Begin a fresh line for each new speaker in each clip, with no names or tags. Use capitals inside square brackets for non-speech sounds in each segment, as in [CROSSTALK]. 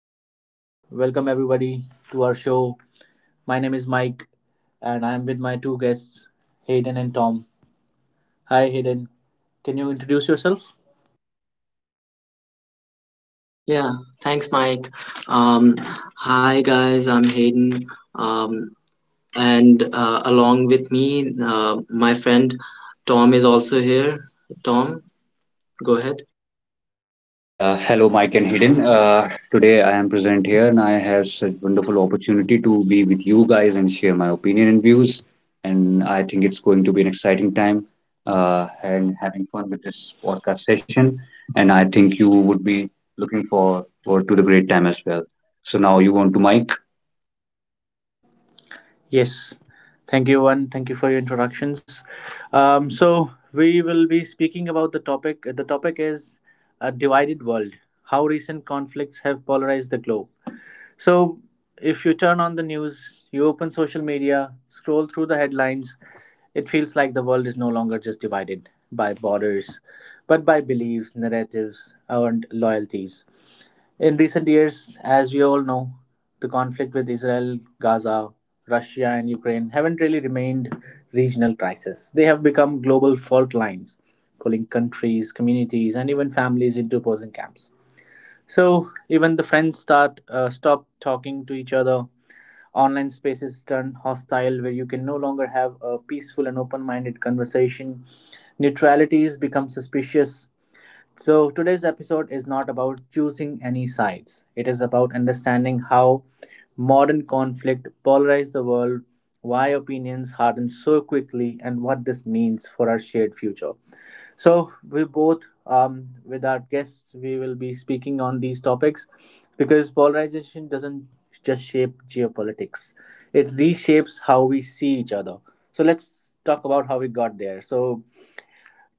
Hello, guys. Welcome, everybody, to our show. My name is Mike, and I'm with my two guests, Hayden and Tom. Hi, Hayden. Can you introduce yourself?
Yeah, thanks, Mike. Um, Hi, guys, I'm Hayden. Um, and Along with me, my friend Tom is also here. Tom, go ahead.
Yeah, hello, Mike and Hayden. Today I am present here and I have such wonderful opportunity to be with you guys and share my opinion and views. And I think it's going to be an exciting time and having fun with this podcast session. And I think you would be looking forward to the great time as well. So now you want to Mike.
Yes. Thank you, one. Thank you for your introductions. So, we will be speaking about the topic. The topic is a divided world, how recent conflicts have polarized the globe. So, if you turn on the news, you open social media, scroll through the headlines, it feels like the world is no longer just divided by borders, but by beliefs, narratives, and loyalties. In recent years, as we all know, the conflict with Israel, Gaza, Russia, and Ukraine haven't really remained regional crises. They have become global fault lines, pulling countries, communities, and even families into opposing camps. So even the friends start stop talking to each other. Online spaces turn hostile, where you can no longer have a peaceful and open-minded conversation. Neutralities become suspicious. So today's episode is not about choosing any sides. It is about understanding how modern conflict polarized the world, why opinions harden so quickly, and what this means for our shared future. So, we both, with our guests, we will be speaking on these topics, because polarization doesn't just shape geopolitics, it reshapes how we see each other. So, let's talk about how we got there. So,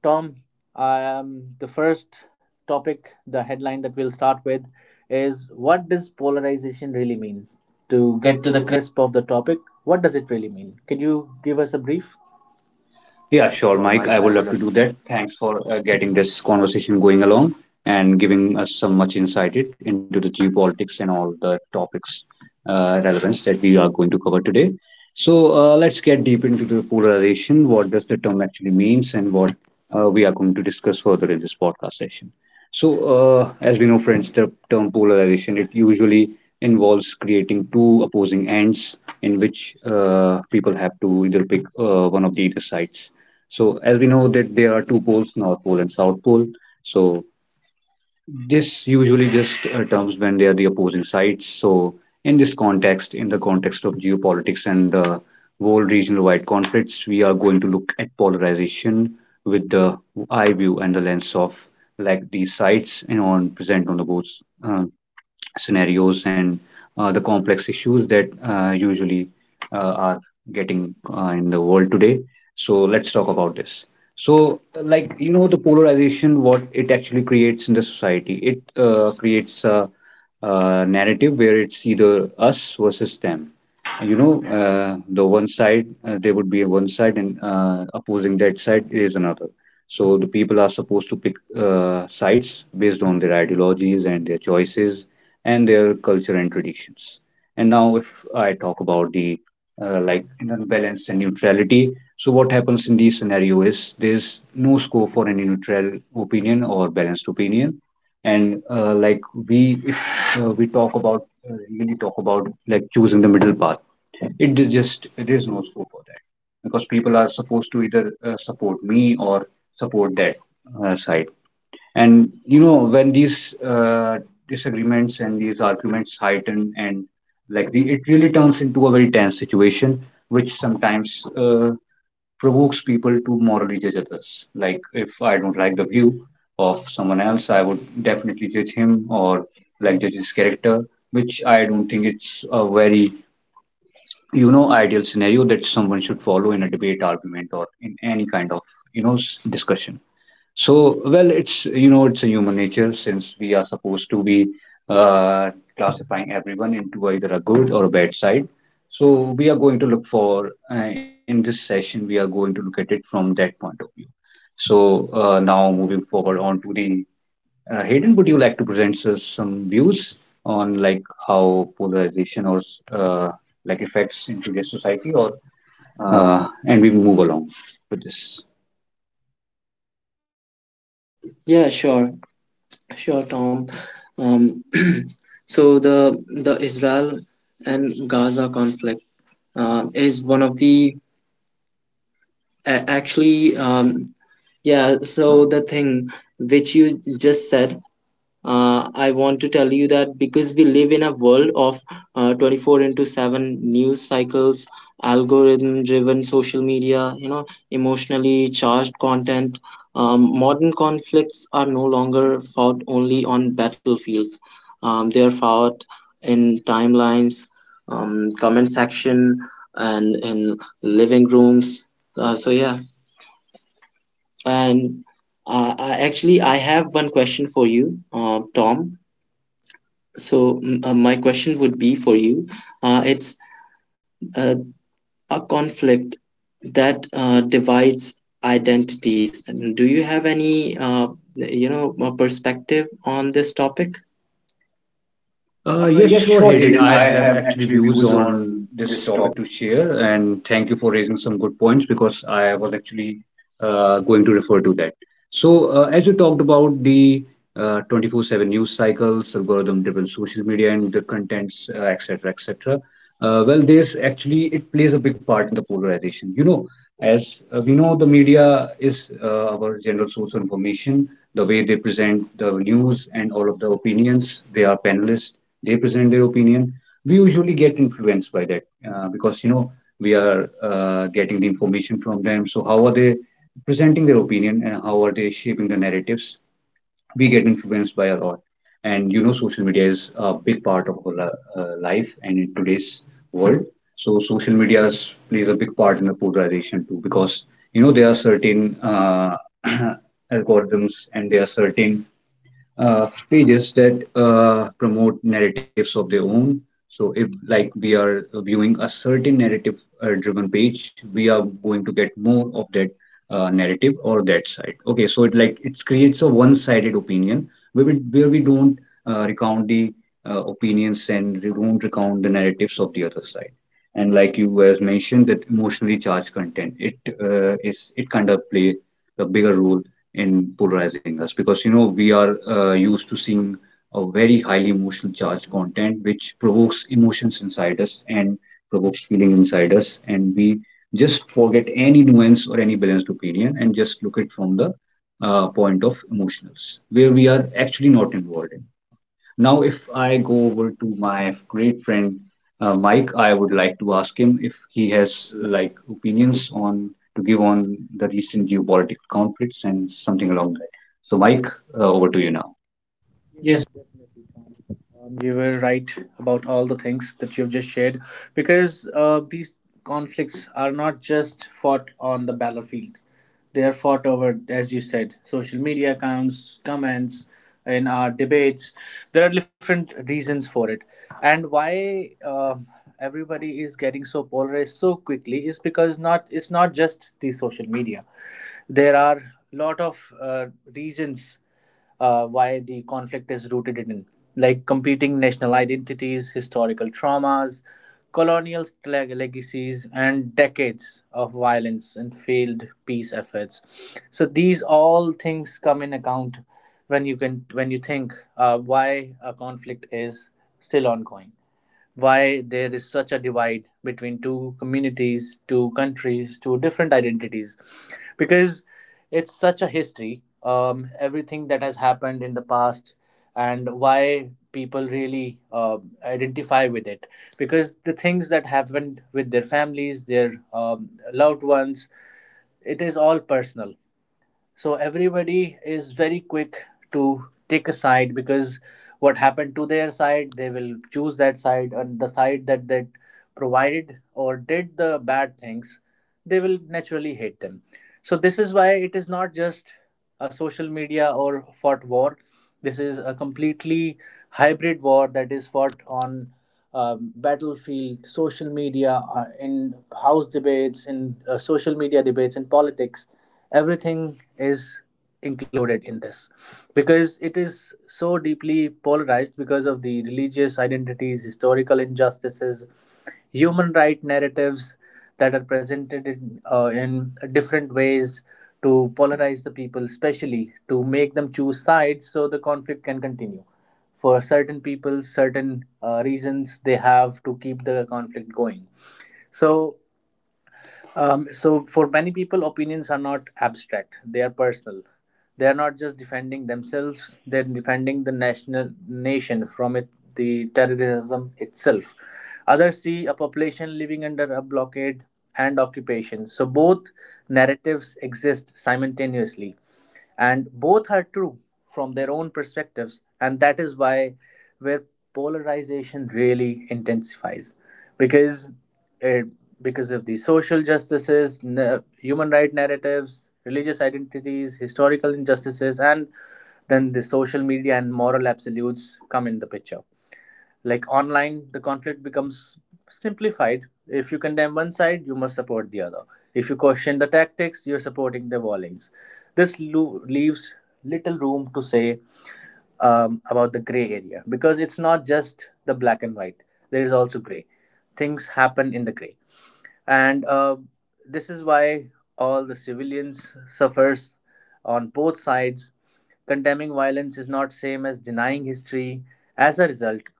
Tom, the first topic, the headline that we'll start with is, what does polarization really mean?
To
To
get
get
to
to the
the
crisp of the topic, what does it really mean? Can you give us a brief?
Yeah, sure, Mike. I would love to do that. Thanks for getting this conversation going along and giving us some much into the geopolitics and all the topics relevance that we are going to cover today. So let's get deep into the polarization. What does the term actually means, and what we are going to discuss further in this podcast session. So, as we know, friends, the term polarization it usually involves creating two opposing ends in which people have to either pick one of the either sides. So as we know that there are two poles, North Pole and South Pole. So this usually just terms when they are the opposing sides. So in this context, in the context of geopolitics and the world regional-wide conflicts, we are going to look at polarization with the eye view and the lens of like these sides and on present on the both uh, scenarios and the complex issues that usually uh, are getting in the world today. So let's talk about this. So, like you know, the polarization, what it actually creates in the society, it creates a narrative where it's either us versus them, you know, the one side, there would be a one side, and opposing that side is another. So the people are supposed to pick sides based on their ideologies and their choices and their culture and traditions. And now if I talk about the like an unbalance and neutrality, so what happens in these scenario is there's no scope for any neutral opinion or balanced opinion. And like we if we talk about really talk about like choosing the middle path, it is just there is no scope for that, because people are supposed to either support me or support that side. And you know, when these disagreements and these arguments heighten, and like the, it really turns into a very tense situation, which sometimes provokes people to morally judge others. Like if I don't like the view of someone else, I would definitely judge him or like judge his character, which I don't think it's a very, you know, ideal scenario that someone should follow in a debate, argument, or in any kind of, you know, discussion. So, well, it's, you know, it's a human nature since we are supposed to be uh, classifying everyone into either a good or a bad side. So, we are going to look for in this session, we are going to look at it from that point of view. So, now moving forward on to the Hayden, would you like to present us some views on like how polarization or uh, like effects into today's society, or and we move along with this.
Yeah, sure, sure, Tom. Um, [CLEARS THROAT] so the Israel and Gaza conflict is one of the a- actually yeah. So the thing which you just said, I want to tell you that because we live in a world of 24 into 7 news cycles, algorithm driven social media, you know, emotionally charged content. Modern conflicts are no longer fought only on battlefields. They are fought in timelines, comment section, and in living rooms. Uh, so, yeah. And I have one question for you, Tom. So, my question would be for you. It's uh, a conflict that divides identities. And do you have any, a perspective on this topic?
Uh, yes,
Yes,
sure,
sure,
Hayden.
Hayden.
I
I
have
have
actually
actually
views
views
on
on
this
this topic.
topic to share, and thank you for raising some good points because I was actually going to refer to that. So, as you talked about the 24/7 news cycles, algorithm-driven social media, and the contents, etc., etc., well, there's actually it plays a big part in the polarization. You know, as we know, the media is our general source of information. The way they present the news and all of the opinions, they are panelists. They present their opinion. We usually get influenced by that because, you know, we are getting the information from them. So how are they presenting their opinion and how are they shaping the narratives? We get influenced by a lot. And you know, social media is a big part of our life and in today's world. So social media plays a big part in the polarization too because, you know, there are certain uh, [CLEARS THROAT] algorithms and there are certain pages that promote narratives of their own. So, if like we are viewing a certain narrative driven page, we are going to get more of that narrative or that side. Okay, so it like it creates a one sided opinion where we don't recount the opinions and we don't recount the narratives of the other side. And like you has mentioned, that emotionally charged content, it is it kind of play a bigger role in polarizing us because you know we are used to seeing a very highly emotional charged content which provokes emotions inside us and provokes feeling inside us and we just forget any nuance or any balanced opinion and just look it from the point of emotionals where we are actually not involved in. Now, if I go over to my great friend Mike, I would like to ask him if he
Yes,
has like opinions on to give on the recent geopolitical conflicts and something along that. So, Mike, over to you now.
yes,
Yes.
definitely, Tom. You were right about all the things that you've just shared, because these conflicts are not just fought on the battlefield, they are fought over, as you said, social media accounts, comments, in our debates. There are different reasons for it. And why everybody is getting so polarized so quickly is because not, it's not just the social media, there are a lot of reasons why the conflict is rooted in, like competing national identities, historical traumas, colonial legacies, and decades of violence and failed peace efforts. So these all things come in account when you can when you think why a conflict is still ongoing, why there is such a divide between two communities, two countries, two different identities. Because it's such a history, everything that has happened in the past, and why people really identify with it. Because the things that happened with their families, their loved ones, it is all personal, so everybody is very quick to take a side, because what happened to their side they will choose that side, and the side that provided or did the bad things, they will naturally hate them. So this is why it is not just a social media or fought war, this is a completely hybrid war that is fought on battlefield, social media, in house debates, in social media debates, in politics, everything is included in this, because it is so deeply polarized because of the religious identities, historical injustices, human right narratives that are presented in different ways to polarize the people, especially to make them choose sides, so the conflict can continue. For certain people, certain reasons, they have to keep the conflict going. So so for many people, opinions are not abstract, they are personal. They are not just defending themselves, they're defending the national nation from it, the terrorism itself. Others see a population living under a blockade and occupation. So both narratives exist simultaneously, and both are true from their own perspectives, and that is why, where polarization really intensifies, because uh, because of the social justices, human right narratives, religious identities, historical injustices, and then the social media and moral absolutes come in the picture. Like, online, the conflict becomes simplified. If you condemn one side, you must support the other. If you question the tactics, you're supporting the violence. This leaves little room to say about the gray area, because it's not just the black and white, there is also gray. Things happen in the gray, and this is why all the civilians suffers on both sides. Condemning violence is not same as denying history. As a result,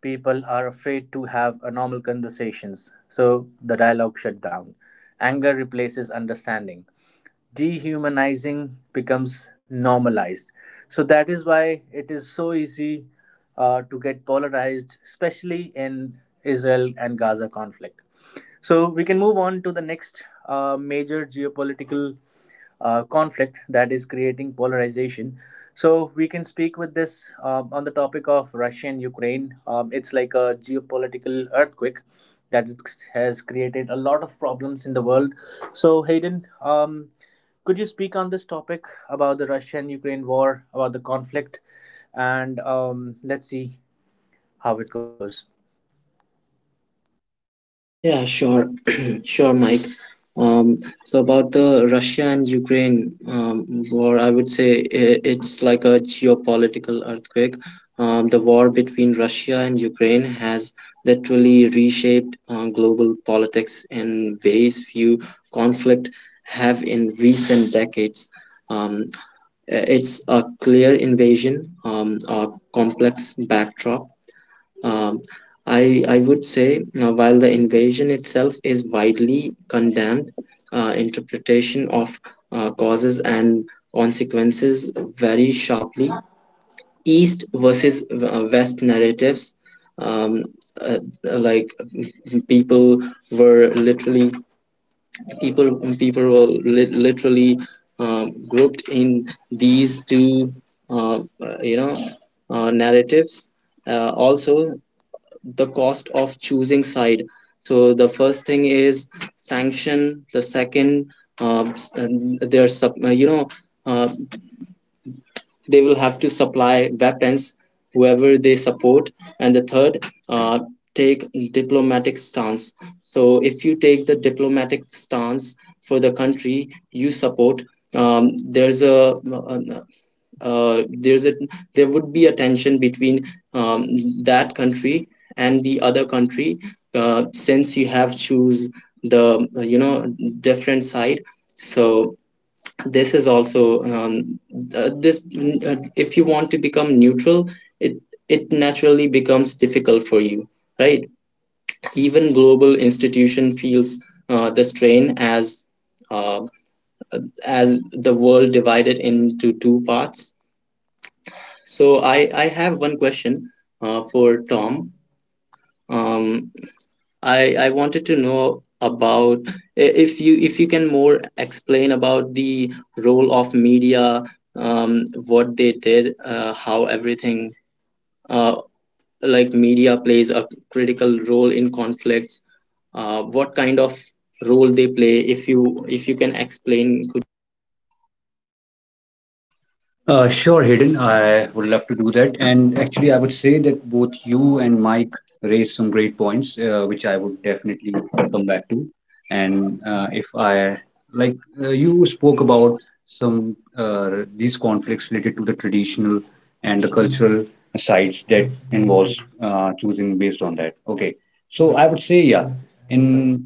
people are afraid to have a normal conversations, so the dialogue shut down, anger replaces understanding, dehumanizing becomes normalized. So that is why it is so easy to get polarized, especially in Israel and Gaza conflict. So we can move on to the next major geopolitical conflict that is creating polarization. So we can speak with this on the topic of Russia and Ukraine. It's like a geopolitical earthquake that it has created a lot of problems in the world. So Hayden, could you speak on this topic about the Russia and Ukraine war, about the conflict, and let's see how it goes.
Yeah, sure, [CLEARS THROAT] sure, Mike. Um, so about the Russia and Ukraine war, I would say it's like a geopolitical earthquake. The war between Russia and Ukraine has literally reshaped global politics in ways few conflict have in recent decades. Um, it's a clear invasion, a complex backdrop. Um, I, I would say, while the invasion itself is widely condemned, interpretation of causes and consequences vary sharply. East versus West narratives, um, like people were literally people people were li- literally grouped in these two, uh, uh, you know, narratives. Also, the cost of choosing side. So the first thing is sanction, the second, there's you know uh, they will have to supply weapons whoever they support, and the third, uh, take diplomatic stance. So if you take the diplomatic stance for the country you support, there's a, there's a there would be a tension between um, that country and the other country, since you have choose the different side. So this is also, this if you want to become neutral, it it naturally becomes difficult for you, right? Even global institution feels the strain uh, as the world divided into two parts. So I have one question for Tom. Um, I wanted to know about, if you can more explain about the role of media, what they did, how everything uh, like media plays a critical role in conflicts, what kind of role they play. If you can explain, could
Sure, Hayden. I would love to do that. And actually, I would say that both you and Mike raised some great points, which I would definitely come back to. And if I like, you spoke about some these conflicts related to the traditional and the cultural sides that involves choosing based on that. Okay. So I would say, yeah, in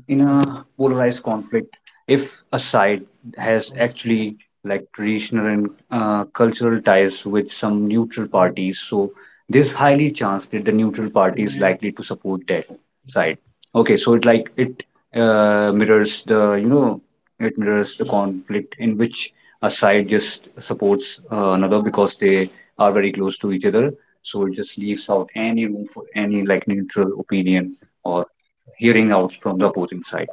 in a polarized conflict, if a side has actually like traditional and cultural ties with some neutral parties, so there's highly chance that the neutral party is likely to support that side. Okay, so it like it mirrors the, you know, it mirrors the conflict in which a side just supports another because they are very close to each other. So it just leaves out any room for any like neutral opinion or hearing out from the opposing side.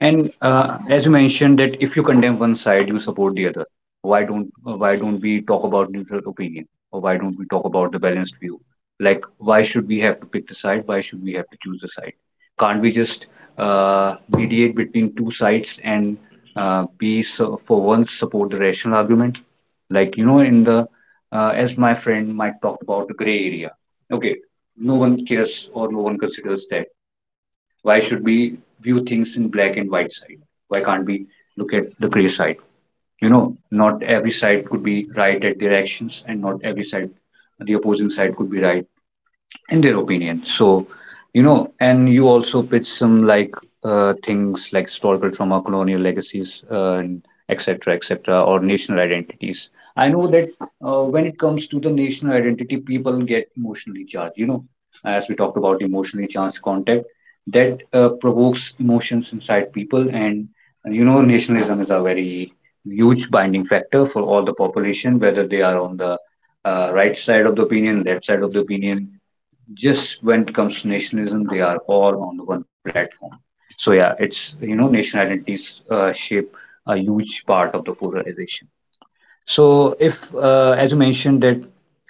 And as you mentioned that if you condemn one side, you support the other. Why don't we talk about neutral opinion, or why don't we talk about the balanced view? Like, why should we have to pick the side? Why should we have to choose the side? Can't we just mediate between two sides and be so, for once support the rational argument? Like, you know, in the as my friend might talk about the gray area. Okay, no one cares or no one considers that why should we view things in black and white side? Why can't we look at the gray side? You know, not every side could be right at their actions, and not every side, the opposing side could be right in their opinion. So, you know, and you also pitch some like things like historical trauma, colonial legacies, and etc. etc. or national identities. I know that when it comes to the national identity, people get emotionally charged. You know, as we talked about emotionally charged contact, that provokes emotions inside people, and you know, nationalism is a very huge binding factor for all the population, whether they are on the right side of the opinion, left side of the opinion, just when it comes to nationalism, they are all on one platform. So yeah, it's, you know, national identities shape a huge part of the polarization. So if as you mentioned that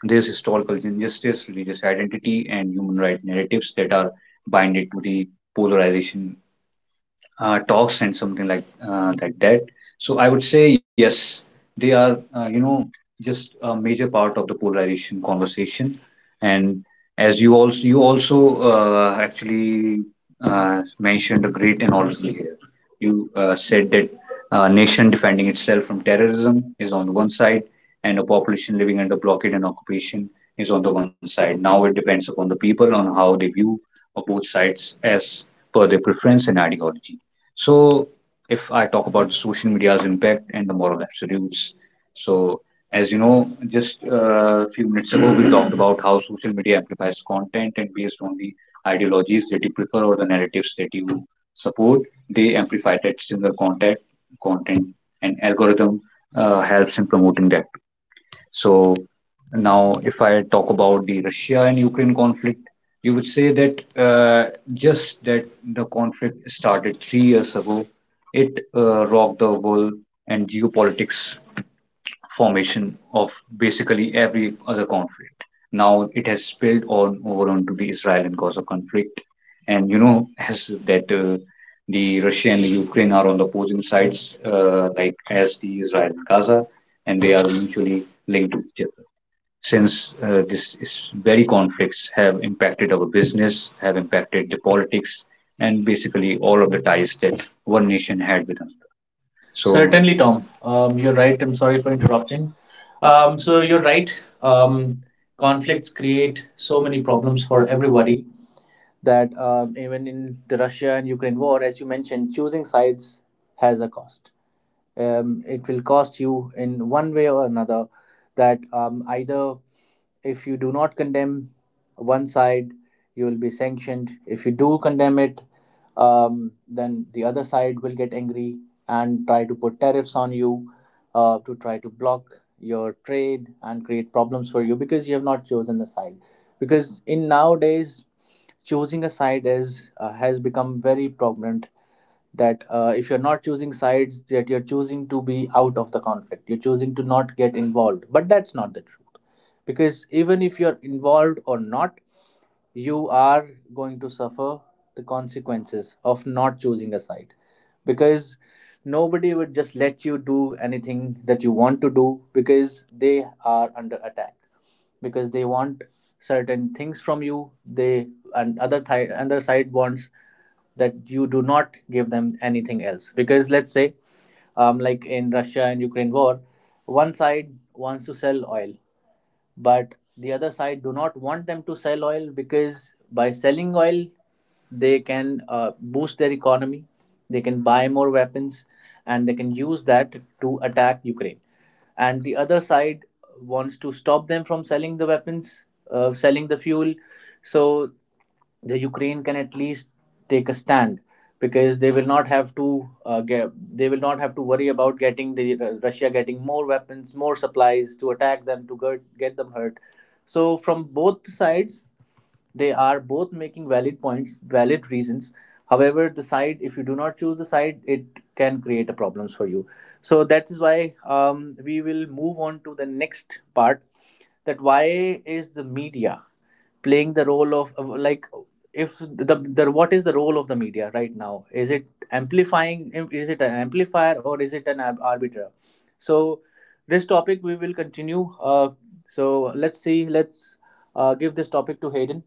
there's historical injustice, religious identity, and human rights narratives that are binded to the polarization talks and something like that. So I would say yes, they are you know just a major part of the polarization conversation, and as you also actually mentioned a great analogy here. You said that a nation defending itself from terrorism is on the one side, and a population living under blockade and occupation is on the one side. Now it depends upon the people on how they view of both sides as per their preference and ideology. So, if I talk about the social media's impact and the moral absolutes, so as you know, just a few minutes ago, we talked about how social media amplifies content and based on the ideologies that you prefer or the narratives that you support, they amplify that similar content, and algorithm helps in promoting that. So now, if I talk about the Russia and Ukraine conflict, you would say that just that the conflict started 3 years ago, it rocked the world and geopolitics formation of basically every other conflict. Now it has spilled on over onto the Israel and Gaza conflict, and you know as that the Russia and the Ukraine are on the opposing sides, like as the Israel and Gaza, and they are mutually linked to each other since this is very conflicts have impacted our business, have impacted the politics, and basically all of the ties that one nation had with another.
So
So
certainly,
certainly,
Tom.
Tom. You're
You're right.
right.
I'm
I'm
sorry
sorry
for
for
interrupting.
interrupting. Um, so
So you're
you're right.
right. Um,
Um, Conflicts
conflicts create
create so
so
many
many
problems
problems
for
for
everybody.
everybody, that even in the Russia and Ukraine war, as you mentioned, choosing sides has a cost. It will cost you in one way or another, that either if you do not condemn one side, you will be sanctioned. If you do condemn it, then the other side will get angry and try to put tariffs on you, to try to block your trade and create problems for you, because you have not chosen the side. Because in nowadays, choosing a side is has become very prominent, that if you're not choosing sides, that you're choosing to be out of the conflict, you're choosing to not get involved, but that's not the truth. Because even if you're involved or not, you are going to suffer the consequences of not choosing a side. Because nobody would just let you do anything that you want to do, because they are under attack, because they want certain things from you, they and other other side wants that you do not give them anything else. Because let's say, like in Russia and Ukraine war, one side wants to sell oil, but the other side do not want them to sell oil, because by selling oil they can boost their economy, they can buy more weapons, and they can use that to attack Ukraine. And the other side wants to stop them from selling the weapons, selling the fuel, so the Ukraine can at least take a stand, because they will not have to they will not have to worry about getting the Russia getting more weapons, more supplies to attack them, to get them hurt. So from both sides, they are both making valid points, valid reasons. However, the side, if you do not choose the side, it can create a problems for you. So that is why we will move on to the next part. That why is the media playing the role of, like, if the what is the role of the media right now, is it amplifying, is it an amplifier or is it an arbiter? So this topic we will continue. uh, so let's see, let's give this topic to Hayden.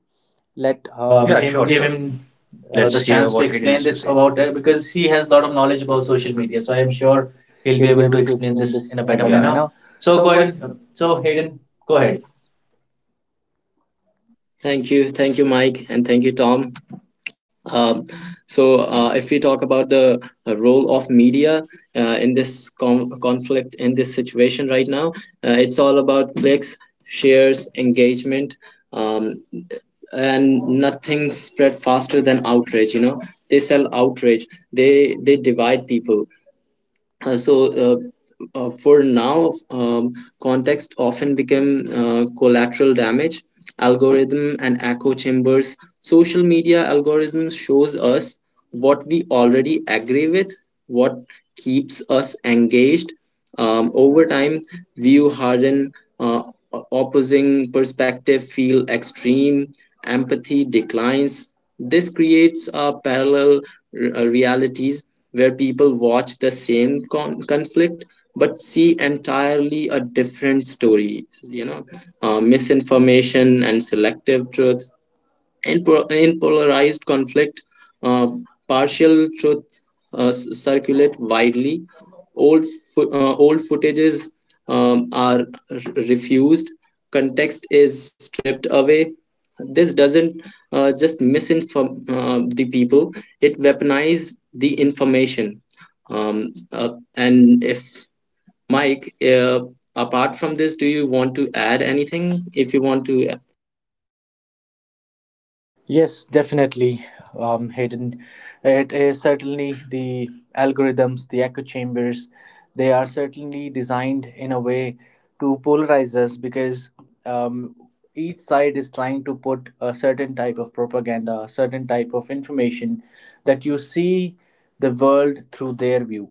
Let Yeah,
Yeah,
him
him
sure,
sure,
give
give
sure.
sure.
Him
Him
Let's the
let's the
Let's hear
hear
chance
chance
to
to
what
what
Hayden
Aiden
explain
explain
has
has
to
to
this
this
say.
say.
About
About
because
because
he
he
has
has a
a lot
lot of
of knowledge
knowledge
about
about
social
social
media,
media.
so
So
I
I'm
am sure
sure
he'll
he'll be
be able
able to
to explain
explain
this
this in
in
a
a better
better.
Yeah.
Yeah,
manner.
manner.
So
So go
go
ahead.
ahead and, so
So
Hayden,
Hayden,
go
go
ahead.
ahead.
thank you, Mike, and thank you, Tom. Um, if we talk about the role of media conflict, in this situation right now, it's all about clicks, shares, engagement, um, and nothing spread faster than outrage. You know, they sell outrage. They divide people. So for now Context often become collateral damage. Algorithm and echo chambers, social media algorithms shows us what we already agree with, what keeps us engaged. Um, over time, view harden, uh, opposing perspective feel extreme, empathy declines. This creates parallel realities where people watch the same conflict but see entirely a different story. You know, misinformation and selective truth in, in polarized conflict, uh, partial truth circulate widely, old old footages are refused, context is stripped away. This doesn't just misinform the people, it weaponize the information. And if Mike, apart from this, do you want to add anything if you want to?
Yes, definitely, Hayden. It is certainly the algorithms, the echo chambers, they are certainly designed in a way to polarize us, because um, each side is trying to put a certain type of propaganda, a certain type of information, that you see the world through their view.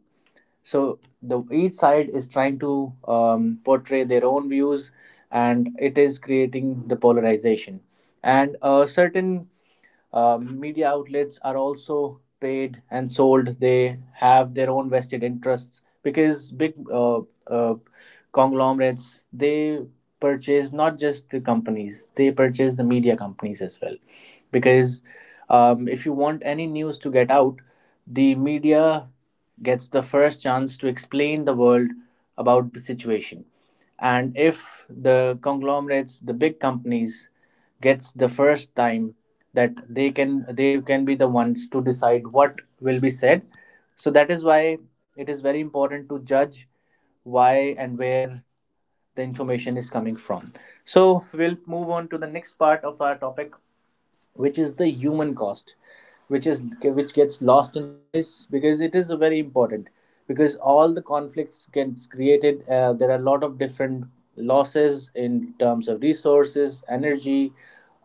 So the each side is trying to portray their own views, and it is creating the polarization. And a certain media outlets are also paid and sold. They have their own vested interests, because big uh, conglomerates, they purchase not just the companies, they purchase the media companies as well. Because if you want any news to get out, the media gets the first chance to explain the world about the situation. And if the conglomerates, the big companies, gets the first time, that they can be the ones to decide what will be said. So that is why it is very important to judge why and where the information is coming from. So we'll move on to the next part of our topic, which is the human cost, which gets lost in the noise, because it is very important. Because all the conflicts gets created, there are a lot of different losses in terms of resources, energy,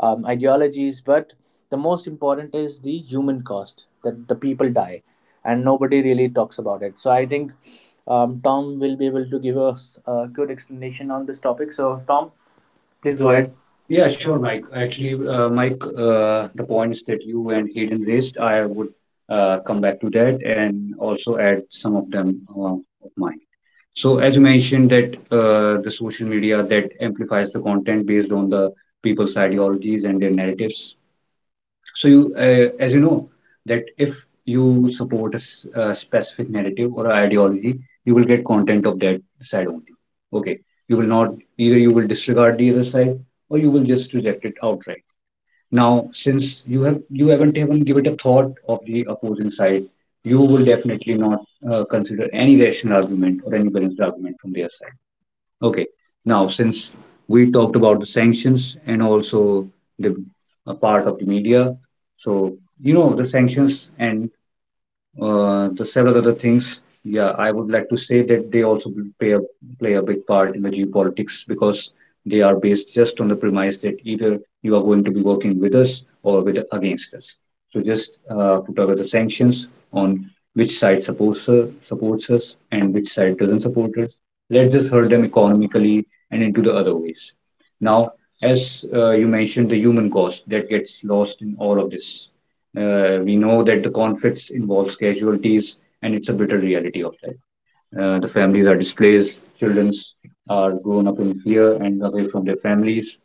ideologies, but the most important is the human cost, that the people die, and nobody really talks about it. So I think Tom will be able to give us a good explanation on this topic. So Tom, please
Please go
go ahead.
ahead.
Yeah,
Yeah,
sure,
sure,
Mike.
Mike.
Actually,
Actually, Mike, the points that you and Hayden raised, I would come back to that and also add some of them of mine. So, as you mentioned, that the social media that amplifies the content based on the people's ideologies and their narratives. So as you know, that if you support a specific narrative or ideology, you will get content of that side only. Okay, you will not either you will disregard the other side or you will just reject it outright. Now, since you haven't even given it a thought of the opposing side, you will definitely not consider any rational argument or any balanced argument from their side. Okay. Now, since we talked about the sanctions and also the a part of the media, so you know the sanctions and the several other things, yeah, I would like to say that they also play a, play a big part in the geopolitics because they are based just on the premise that either you are going to be working with us or with against us. So just put over the sanctions on which side supports us and which side doesn't support us. Let's just hurt them economically and into the other ways. Now, as you mentioned, the human cost that gets lost in all of this. We know that the conflicts involves casualties, and it's a bitter reality of that. The families are displaced, children are grown up in fear and away from their families.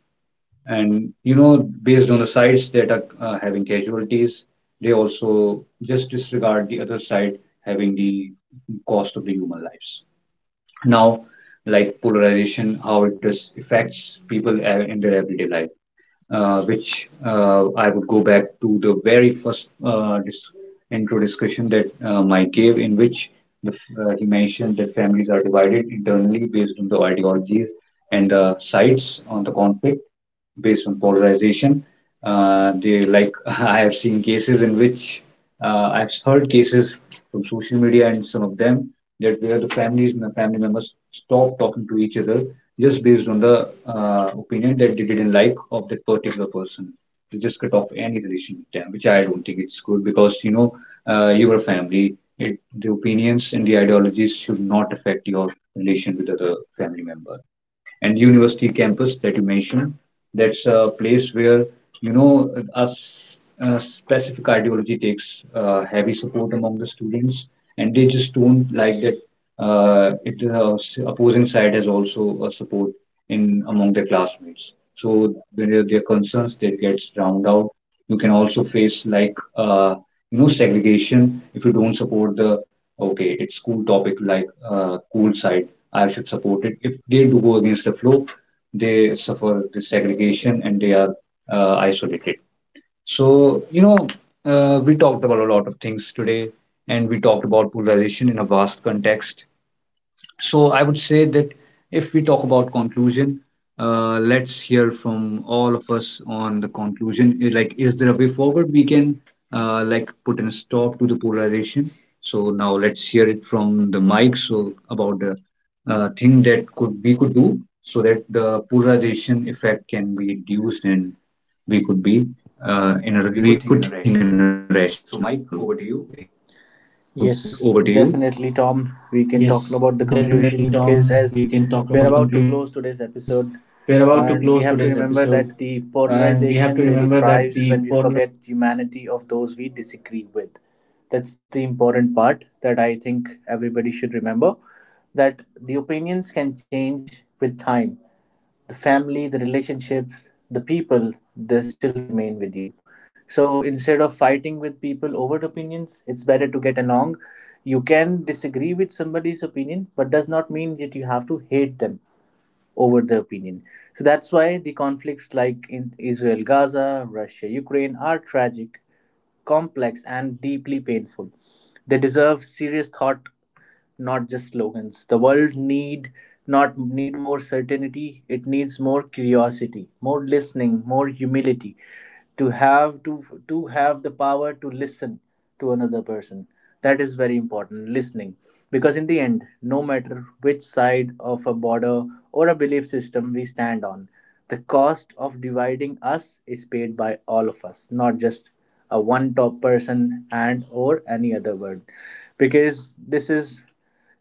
And you know, based on the sides that are having casualties, they also just disregard the other side having the cost of the human lives now, like polarization how it does affects people in their everyday life, which I would go back to the very first intro discussion that Mike gave in which he mentioned that families are divided internally based on the ideologies and the sides on the conflict based on polarization. They like [LAUGHS] I have seen cases in which I've heard cases from social media and some of them that where the families and family members stop talking to each other just based on the opinion that they didn't like of that particular person. They just cut off any relation with them, which I don't think it's good because you know you are a family. It, the opinions and the ideologies should not affect your relation with other family members and university campus that you mentioned, that's a place where you know a specific ideology takes heavy support among the students and they just don't like that opposing side has also a support in among their classmates. So when there concerns that gets drowned out, you can also face like uh, you know segregation. If you don't support the okay it's cool topic like cool side, I should support it. If they do go against the flow, they suffer this segregation and they are isolated. So, you know, we talked about a lot of things today and we talked about polarization in a vast context. So I would say that if we talk about conclusion, let's hear from all of us on the conclusion. Eh, like, is there a way forward we can like put a stop to the polarization? So now let's hear it from the mic. So about the thing that could we could do so that the polarization effect can be reduced and we could be in a
we
we
could
could
think
think
in
in
a
a
rational
rational way.
way. So,
So
Mike,
Mike,
over
over
to
to you.
you. Yes, definitely, Tom. We can talk about the conclusion, because as we're about to close today's episode, and we have to remember that the polarization really thrives when we forget humanity of those we disagree with. That's the important part that I think everybody should remember, that the opinions can change with time, the family, the relationships, the people, they still remain with you. So instead of fighting with people over opinions, it's better to get along. You can disagree with somebody's opinion, but does not mean that you have to hate them over the opinion. So that's why the conflicts like in Israel Gaza, Russia Ukraine are tragic, complex, and deeply painful. They deserve serious thought, not just slogans. The world need not need more certainty, it needs more curiosity, more listening, more humility, to have the power to listen to another person. That is very important, listening. Because in the end, no matter which side of a border or a belief system we stand on, the cost of dividing us is paid by all of us, not just a one top person and or any other word. Because this is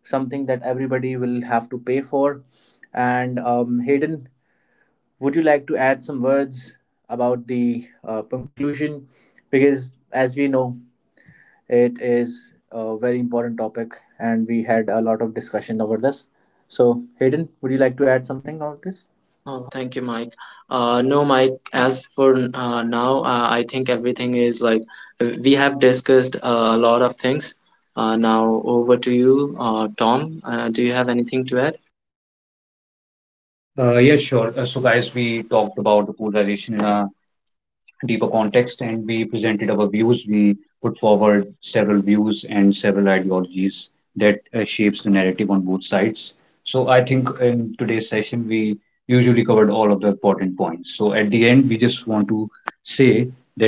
something that everybody will have to pay for. And Hayden, would you like to add some words about the conclusion? Because as we know, it is a very important topic, and we had a lot of discussion over this. So, Hayden, would you like to add something about this?
Oh, thank you, Mike. No, Mike, as for now, I think everything is like we have discussed a lot of things. Now, over to you, Tom. Do you have anything to add?
Yeah, sure. So guys, we talked about the polarization in our deeper context and we presented our views, we put forward several views and several ideologies that shapes the narrative on both sides. So I think in today's session we usually covered all of the important points, so at the end we just want to say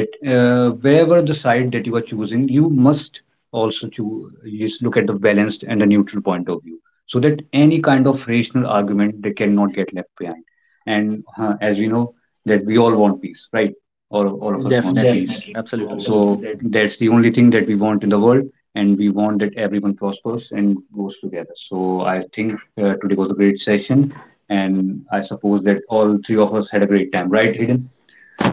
that wherever the side that you are choosing you must also choose just look at the balanced and the neutral point of view so that any kind of rational argument they cannot get left behind. And as we know that we all want peace, right, all of us want. Definitely.
Definitely,
Peace.
absolutely.
Absolutely. So
Right,
that's the only thing that we want in the world, and we want that everyone prospers and goes together. So I think today was a great session, and I suppose that all three of us had a great time, right,
Hayden?
Hayden?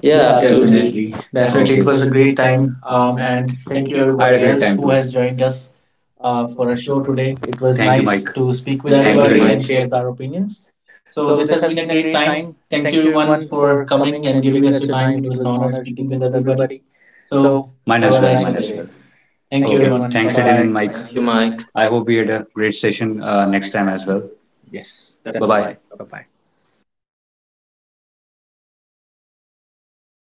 Yeah,
Yeah,
Yeah,
absolutely. Definitely.
definitely,
absolutely. Definitely,
definitely.
okay.
It
It
was
was
a
a
great
great
time,
time. And
and thank
thank
you
you I had a everybody
everybody
great else
else
time who
who
too.
has
Has
joined
joined
us.
us
For
for
our
our
show
show
today.
today.
It
It was
was Thank
thank you,
you,
nice
nice you,
Mike. To
to
Speak
speak
speak
with
with
with
thank you,
Thank
thank
you
you very
everybody and
everybody
everybody
very
much.
and
Mike.
And
much.
Share.
Share
share our
our opinions.
opinions.
So
So
this
this
has
has been
been a
a
great
great
time.
time.
Thank
Thank you
you everyone
everyone
for
for
coming
coming and
and giving
giving us
us
your
your
time.
time.
It
It
was
was
an
an
honor
honor
speaking
speaking
with
with
everybody.
everybody.
So
So
mine
Mine
have a as a
have a as
well,
well,
nice
nice
mine
mine
as
one as
day.
day.
Well.
Well.
Thank you okay.
Thank you Okay,
Everyone. Bye
everyone. Bye
thanks,
thanks
Eden
bye.
bye. And
Again,
Mike.
Mike.
Thank
Thank
you,
Thank
you,
Mike.
Mike.
I hope we had a great session
you.
next
Next
time
time
as
as
well.
well. Yes,
Bye
Bye
definitely.
definitely. Bye.
Bye.
Bye bye.